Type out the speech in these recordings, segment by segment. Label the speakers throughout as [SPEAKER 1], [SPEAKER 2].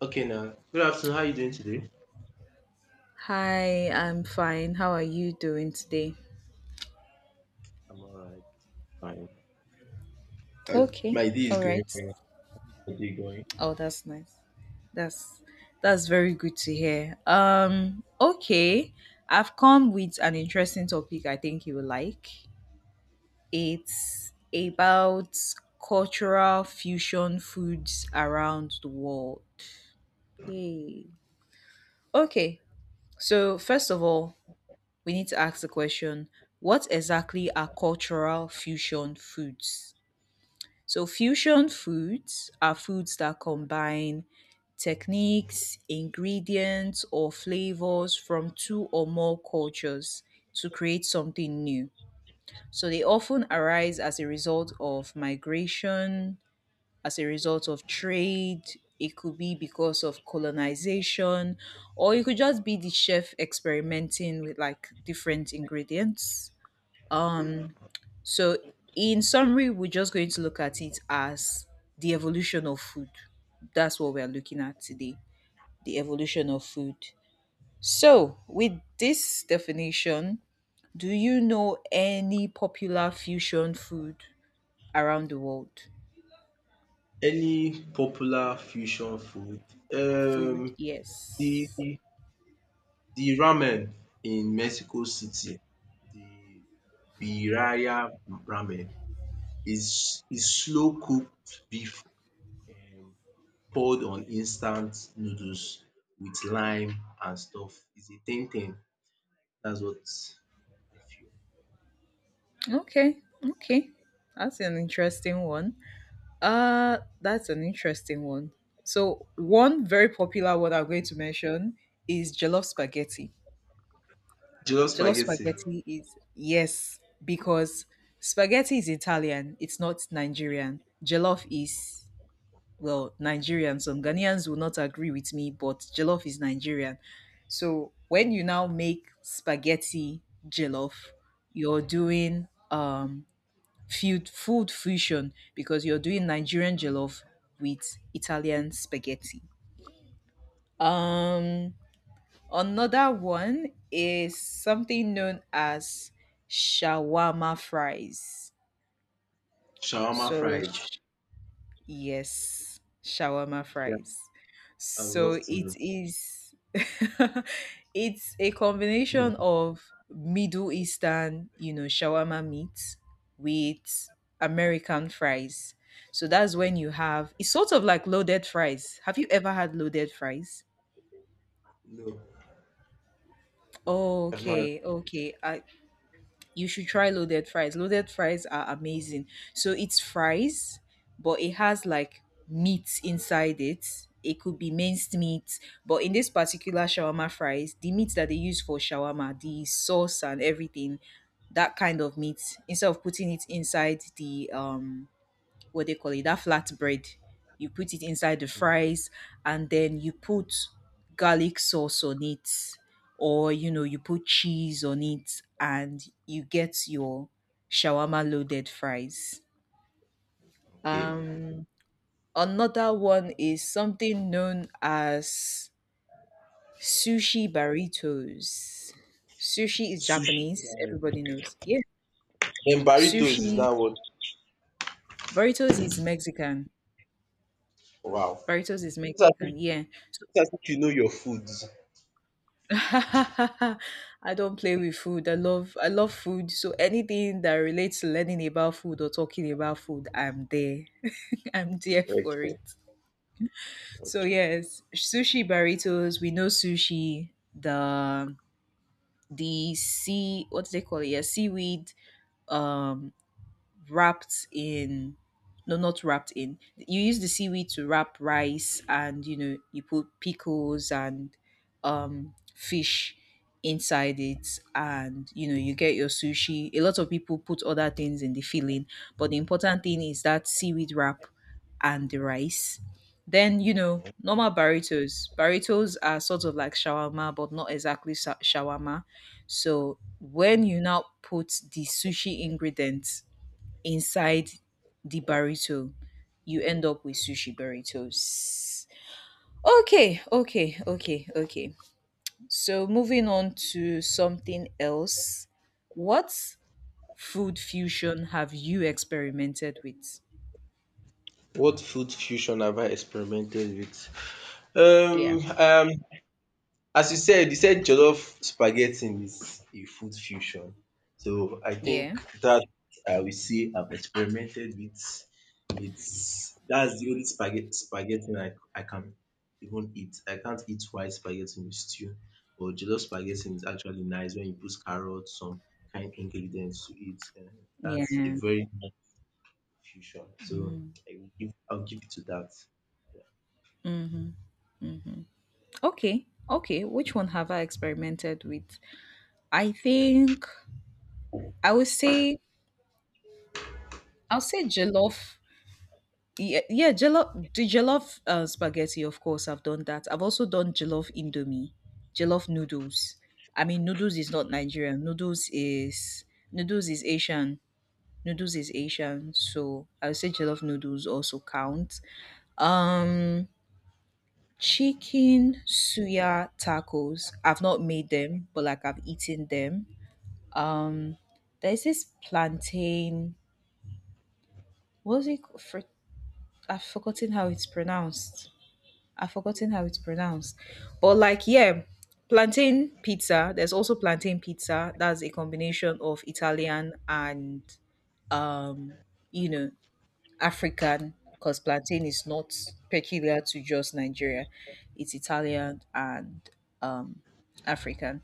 [SPEAKER 1] Okay, now. Good afternoon. How are you doing today?
[SPEAKER 2] Hi, I'm fine. How are you doing today?
[SPEAKER 1] I'm all right. Fine.
[SPEAKER 2] Okay.
[SPEAKER 1] My day is
[SPEAKER 2] All
[SPEAKER 1] going
[SPEAKER 2] right.
[SPEAKER 1] fine. My day going.
[SPEAKER 2] Oh, that's nice. That's that's very good to hear. Okay. I've come with an interesting topic I think you will like. It's about cultural fusion foods around the world. Yay. Okay. So, first of all, we need to ask the question, what exactly are cultural fusion foods? So, fusion foods are foods that combine techniques, ingredients, or flavors from two or more cultures to create something new. So, they often arise as a result of migration, as a result of trade. It could be because of colonization, or it could just be the chef experimenting with like different ingredients. Um, so, in summary, we're just going to look at it as the evolution of food. That's what we're looking at today, the evolution of food. So, with this definition, do you know any popular fusion food around the world?
[SPEAKER 1] Any popular fusion food?
[SPEAKER 2] Food,
[SPEAKER 1] Um, the
[SPEAKER 2] yes.
[SPEAKER 1] the ramen in Mexico City, the birria ramen is slow cooked beef, um, poured on instant noodles with lime and stuff. It's a thing. That's what I feel.
[SPEAKER 2] Okay, okay. That's an interesting one. That's an interesting one. So, one very popular one I'm going to mention is jollof spaghetti.
[SPEAKER 1] Jollof
[SPEAKER 2] Jollof
[SPEAKER 1] spaghetti,
[SPEAKER 2] spaghetti is, yes, because spaghetti is Italian, it's not Nigerian. Jollof is, well, Nigerian. Some Ghanaians will not agree with me, but jollof is Nigerian. So, when you now make spaghetti jollof, you're doing food fusion because you're doing Nigerian jollof with Italian spaghetti. Um, another one is something known as shawarma fries.
[SPEAKER 1] shawarma
[SPEAKER 2] So
[SPEAKER 1] fries.
[SPEAKER 2] yes, shawarma
[SPEAKER 1] Yeah,
[SPEAKER 2] fries.
[SPEAKER 1] I would
[SPEAKER 2] So
[SPEAKER 1] love to
[SPEAKER 2] it
[SPEAKER 1] know.
[SPEAKER 2] is it's a combination of Middle Eastern, you know, shawarma meat with American fries. So that's when you have it's sort of like loaded fries. Have you ever had loaded fries?
[SPEAKER 1] No, I've not had.
[SPEAKER 2] Okay, okay. I you should try loaded fries. Loaded fries are amazing. So it's fries, but it has like meat inside it. It could be minced meat, but in this particular shawarma fries, the meat that they use for shawarma, the sauce and everything, that kind of meat, instead of putting it inside the what they call it, that flatbread. You put it inside the fries and then you put garlic sauce on it, or you know, you put cheese on it and you get your shawarma loaded fries.
[SPEAKER 1] Okay.
[SPEAKER 2] Um, another one is something known as sushi burritos. Sushi is
[SPEAKER 1] Sushi,
[SPEAKER 2] Japanese,
[SPEAKER 1] yeah.
[SPEAKER 2] everybody knows. Yeah.
[SPEAKER 1] Then burrito is
[SPEAKER 2] Sushi
[SPEAKER 1] now what?
[SPEAKER 2] burritos is Mexican.
[SPEAKER 1] Wow.
[SPEAKER 2] Burritos is
[SPEAKER 1] It's as
[SPEAKER 2] Mexican.
[SPEAKER 1] if,
[SPEAKER 2] Yeah. So
[SPEAKER 1] it's as if you know your foods.
[SPEAKER 2] I don't play with food. I love food. So anything that relates to learning about food or talking about food, I'm there. I'm there for
[SPEAKER 1] Okay.
[SPEAKER 2] it. So
[SPEAKER 1] Okay.
[SPEAKER 2] yes, sushi burritos. We know sushi. The the sea, what do they call it? Yeah, seaweed um wrapped in, no, not wrapped in, you use the seaweed to wrap rice and you know you put pickles and fish inside it and you know you get your sushi. A lot of people put other things in the filling, but the important thing is that seaweed wrap and the rice. Then you know, normal burritos, burritos are sort of like shawarma but not exactly shawarma. So when you now put the sushi ingredients inside the burrito, you end up with sushi burritos. Okay, okay, okay, okay. So moving on to something else. What food fusion have you experimented with?
[SPEAKER 1] What food fusion have I experimented with?
[SPEAKER 2] Yeah.
[SPEAKER 1] Um. Um. As you said jollof spaghetti is a food fusion. So I
[SPEAKER 2] Yeah.
[SPEAKER 1] think that I will say I've experimented with. It's that's the only spaghetti I can even eat. I can't eat white spaghetti with stew. But jollof spaghetti is actually nice when you put carrots, some kind ingredients to it. And
[SPEAKER 2] Yeah.
[SPEAKER 1] that's a very nice fusion. So I'll give it to that.
[SPEAKER 2] Okay. Okay. Which one have I experimented with? I think I would say I'll say jollof, yeah, yeah, jollof spaghetti of course I've done that. I've also done jollof indomie, jollof noodles. I mean, noodles is not nigerian noodles is Asian. Noodles is Asian, so I would say jollof noodles also count. um chicken suya tacos, I've not made them but like I've eaten them. um there's this plantain, what's it called? I've forgotten how it's pronounced. I've forgotten how it's pronounced. But like, yeah, plantain pizza. There's also plantain pizza. That's a combination of Italian and um, you know, African, because plantain is not peculiar to just Nigeria. It's Italian and um African.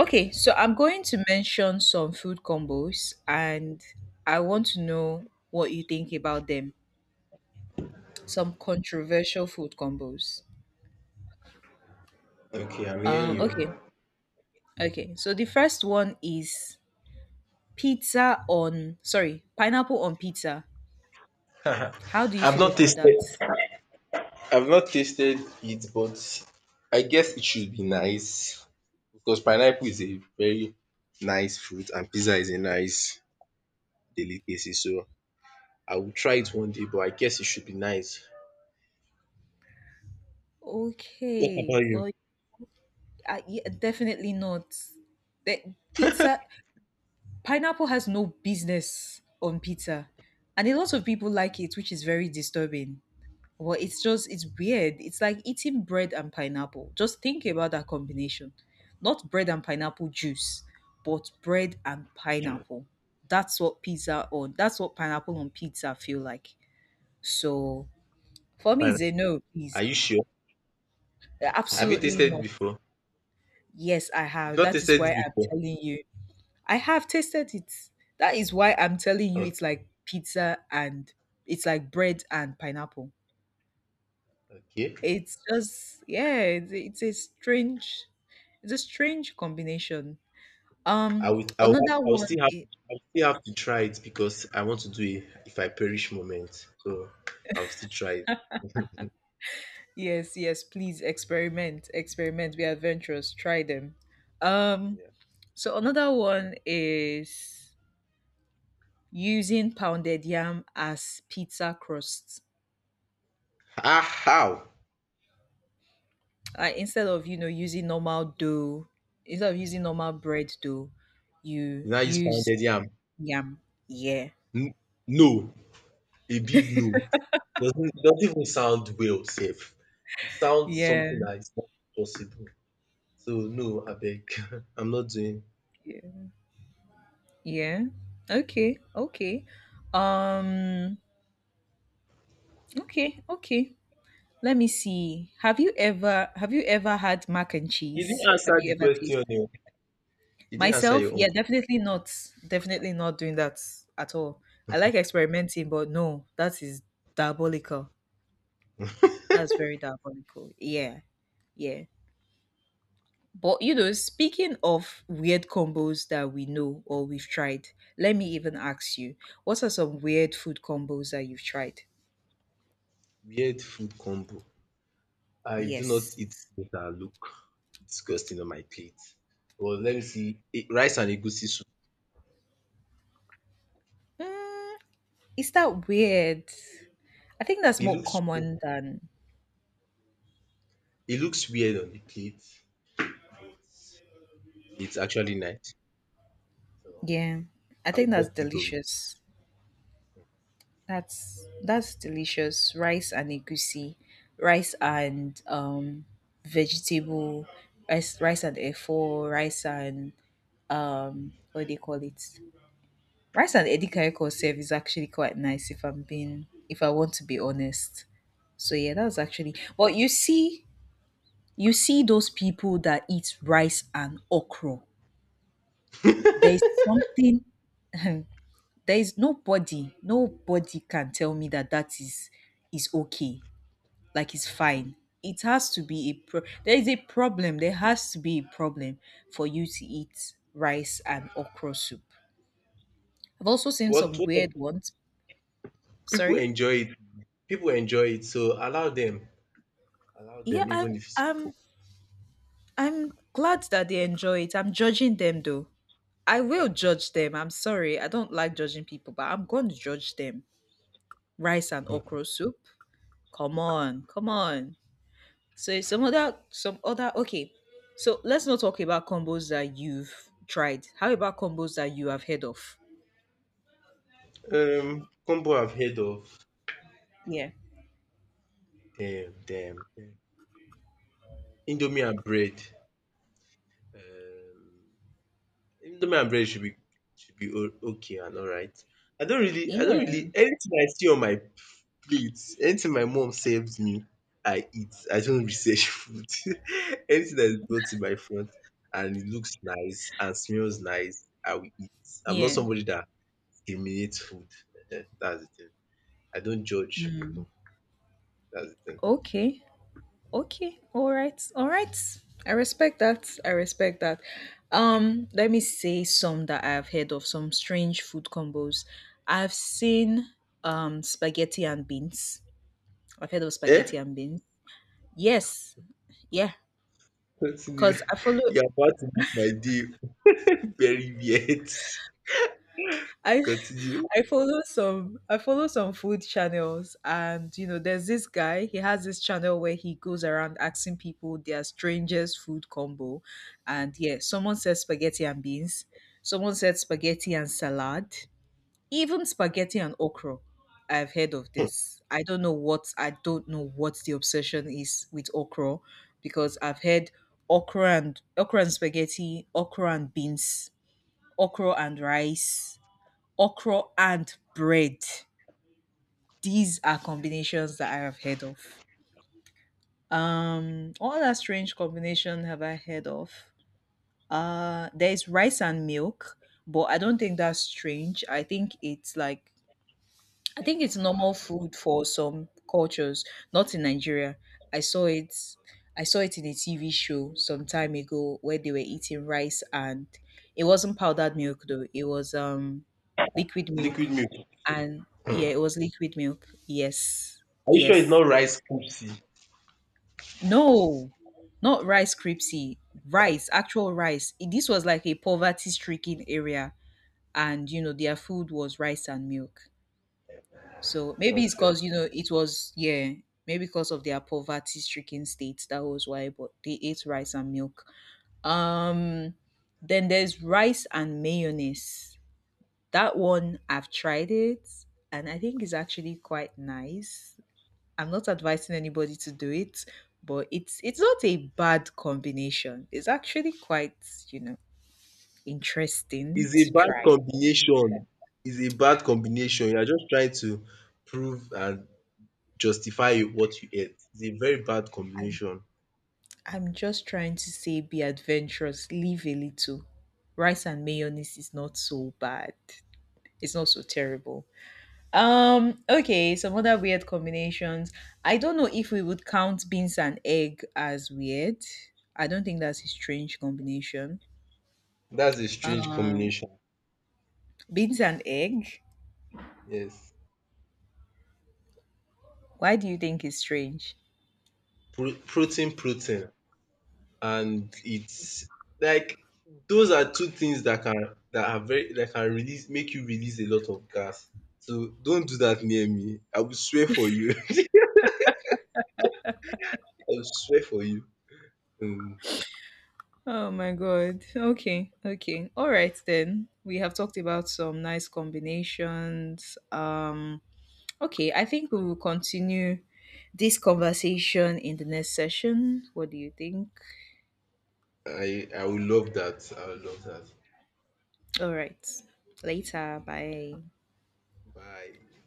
[SPEAKER 2] Okay, so I'm going to mention some food combos and I want to know what you think about them. Some controversial food combos.
[SPEAKER 1] Yeah. Okay, I'm
[SPEAKER 2] Um,
[SPEAKER 1] hearing
[SPEAKER 2] okay,
[SPEAKER 1] you.
[SPEAKER 2] Okay, so the first one is pineapple on pizza. How do you
[SPEAKER 1] I've
[SPEAKER 2] feel
[SPEAKER 1] not
[SPEAKER 2] about
[SPEAKER 1] tasted
[SPEAKER 2] that?
[SPEAKER 1] I've not tasted it, but I guess it should be nice because pineapple is a very nice fruit and pizza is a nice delicacy. So I will try it one day, but I guess it should be nice. What
[SPEAKER 2] Okay,
[SPEAKER 1] about you?
[SPEAKER 2] well, I, yeah, definitely not. That pizza, pineapple has no business on pizza, and a lot of people like it, which is very disturbing. Well, it's weird. It's like eating bread and pineapple. Just think about that combination. Not bread and pineapple juice, but bread and pineapple. That's what pizza on. That's what pineapple on pizza feel like. So for me,
[SPEAKER 1] Pine-
[SPEAKER 2] it's a no, please.
[SPEAKER 1] Are you sure? Have you
[SPEAKER 2] Absolutely
[SPEAKER 1] tasted it
[SPEAKER 2] not.
[SPEAKER 1] before?
[SPEAKER 2] Yes, I
[SPEAKER 1] You've
[SPEAKER 2] have.
[SPEAKER 1] not
[SPEAKER 2] That is
[SPEAKER 1] tasted
[SPEAKER 2] why
[SPEAKER 1] it
[SPEAKER 2] I'm
[SPEAKER 1] before.
[SPEAKER 2] telling you. I have tasted it. That is why I'm telling you,
[SPEAKER 1] Oh,
[SPEAKER 2] it's like pizza and it's like bread and pineapple.
[SPEAKER 1] okay.
[SPEAKER 2] It's just yeah, it's a strange, it's a strange combination. Um
[SPEAKER 1] I will have.
[SPEAKER 2] another one i-
[SPEAKER 1] I will still have to try it because I want to do a if I perish moment. So I will still try it.
[SPEAKER 2] yes, yes, please experiment, experiment, be adventurous, try them. Um
[SPEAKER 1] Yeah.
[SPEAKER 2] so another one is using pounded yam as pizza crust.
[SPEAKER 1] Ah, how?
[SPEAKER 2] Instead of you know using normal dough, instead of using normal bread dough, you
[SPEAKER 1] You now use
[SPEAKER 2] use
[SPEAKER 1] pounded yam?
[SPEAKER 2] yam. Yeah.
[SPEAKER 1] N- No, a big no. Doesn't even sound well safe. It sounds
[SPEAKER 2] Yeah.
[SPEAKER 1] something that is not possible. So no abeg, I'm not doing.
[SPEAKER 2] Yeah. Yeah. Okay. Okay. Um okay, okay. Let me see. Have you ever had mac and
[SPEAKER 1] You
[SPEAKER 2] cheese?
[SPEAKER 1] didn't
[SPEAKER 2] Have
[SPEAKER 1] answer
[SPEAKER 2] you
[SPEAKER 1] the
[SPEAKER 2] ever tasted?
[SPEAKER 1] question oo. You didn't answer
[SPEAKER 2] Myself,
[SPEAKER 1] your own
[SPEAKER 2] yeah,
[SPEAKER 1] com.
[SPEAKER 2] definitely not. Definitely not doing that at all. I like experimenting, but no, that is diabolical. That's very diabolical. Yeah. Yeah. But you know, speaking of weird combos that we know or we've tried, let me even ask you, what are some weird food combos that you've tried?
[SPEAKER 1] Weird food combo. I do not
[SPEAKER 2] Yes.
[SPEAKER 1] eat things dat look disgusting on my plate. But let me see, eh, rice and egusi soup.
[SPEAKER 2] Mm, is that weird? I think that's
[SPEAKER 1] It
[SPEAKER 2] more
[SPEAKER 1] looks weird,
[SPEAKER 2] common than,
[SPEAKER 1] it looks weird on the plate, but it's actually nice. So
[SPEAKER 2] yeah. I
[SPEAKER 1] I
[SPEAKER 2] think
[SPEAKER 1] will
[SPEAKER 2] that's
[SPEAKER 1] just still with it.
[SPEAKER 2] delicious. That's delicious. Rice and egusi, rice and vegetable, rice and efo, rice and what do you call it? Rice and edikaiko serve is actually quite nice if I'm being, if I want to be honest. So yeah, that's actually, but you see, you see those people that eat rice and okra. There's something, there is nobody can tell me that that is okay, like it's fine. It has to be a there is a problem, there has to be a problem for you to eat rice and okra soup. I've also seen some
[SPEAKER 1] What
[SPEAKER 2] weird
[SPEAKER 1] of
[SPEAKER 2] ones. Sorry,
[SPEAKER 1] enjoy it People enjoy it, so allow them. Allow
[SPEAKER 2] yeah,
[SPEAKER 1] them,
[SPEAKER 2] i'm
[SPEAKER 1] even if it's
[SPEAKER 2] i'm I'm glad that they enjoy it. I'm judging them though. I will judge them. I'm sorry I don't like judging people but I'm going to judge them. Rice and okra soup, come on, come on. So some other okay. So let's not talk about combos that you've tried. How about combos that you have heard of?
[SPEAKER 1] combo I've heard of,
[SPEAKER 2] Yeah.
[SPEAKER 1] them Indomie and bread. Um Indomie and bread should be, o- okay and alright. I don't
[SPEAKER 2] Yeah.
[SPEAKER 1] really, anything I see on my plate, anything my mom serves me, I eat. I don't research food. Anything that is brought to my front and it looks nice and smells nice, I will eat. I'm not
[SPEAKER 2] Yeah.
[SPEAKER 1] somebody that discriminates food. Eh, that's the thing. I don't judge
[SPEAKER 2] Mm.
[SPEAKER 1] people. That's the thing.
[SPEAKER 2] Okay. Okay. All right. All right. I respect that. I respect that. Let me say some that I've heard of, some strange food combos. I've seen spaghetti and beans. I've heard of spaghetti
[SPEAKER 1] Eh?
[SPEAKER 2] and beans. Yes. Yeah.
[SPEAKER 1] Continue.
[SPEAKER 2] Cause I follow,
[SPEAKER 1] You're about to make my day very weird.
[SPEAKER 2] I
[SPEAKER 1] Continue.
[SPEAKER 2] I follow some food channels and you know there's this guy, he has this channel where he goes around asking people their strangest food combo, and yeah, someone said spaghetti and beans, someone said spaghetti and salad, even spaghetti and okra. I've heard of this. I don't know what the obsession is with okra, because I've heard okra and, okra and spaghetti, okra and beans, okra and rice, okra and bread. These are combinations that I have heard of. What other strange combination have I heard of? There is rice and milk, but I don't think that's strange. I think it's like, I think it's normal food for some cultures, not in Nigeria. I saw it I saw it in a TV show some time ago where they were eating rice, and it wasn't powdered milk though. It was liquid milk.
[SPEAKER 1] Liquid milk.
[SPEAKER 2] And
[SPEAKER 1] Hmm.
[SPEAKER 2] yeah, it was liquid milk. Yes.
[SPEAKER 1] Are you sure
[SPEAKER 2] Yes.
[SPEAKER 1] it's not rice Pepsi?
[SPEAKER 2] No. Not rice cripsy. Rice, actual rice. This was like a poverty stricken area and you know their food was rice and milk. So maybe it's
[SPEAKER 1] Okay.
[SPEAKER 2] because, you know, it was, yeah, maybe because of their poverty stricken state. That was why, but they ate rice and milk. Um, then there's rice and mayonnaise. That one, I've tried it and I think it's actually quite nice. I'm not advising anybody to do it, but it's not a bad combination. It's actually quite, you know, interesting
[SPEAKER 1] It's
[SPEAKER 2] to
[SPEAKER 1] a bad
[SPEAKER 2] try.
[SPEAKER 1] combination. You're just trying to prove and justify what you ate. It's a very bad combination.
[SPEAKER 2] I'm just trying to say be adventurous, live a little. Rice and mayonnaise is not so bad. It's not so terrible. Okay, some other weird combinations. I don't know if we would count beans and egg as weird. I don't think that's a strange combination.
[SPEAKER 1] That's a strange
[SPEAKER 2] Um,
[SPEAKER 1] combination.
[SPEAKER 2] beans and egg.
[SPEAKER 1] Yes.
[SPEAKER 2] Why do you think it's strange?
[SPEAKER 1] Pro- protein. And it's like those are two things that can, that are very that can release, make you release a lot of gas. So don't do that near me. I will swear for you. I will swear for you. Um,
[SPEAKER 2] Oh my god. Okay, okay. All right then. We have talked about some nice combinations. Okay, I think we will continue this conversation in the next session. What do you think?
[SPEAKER 1] I will love that. I will love that.
[SPEAKER 2] All right. Later. Bye.
[SPEAKER 1] Bye.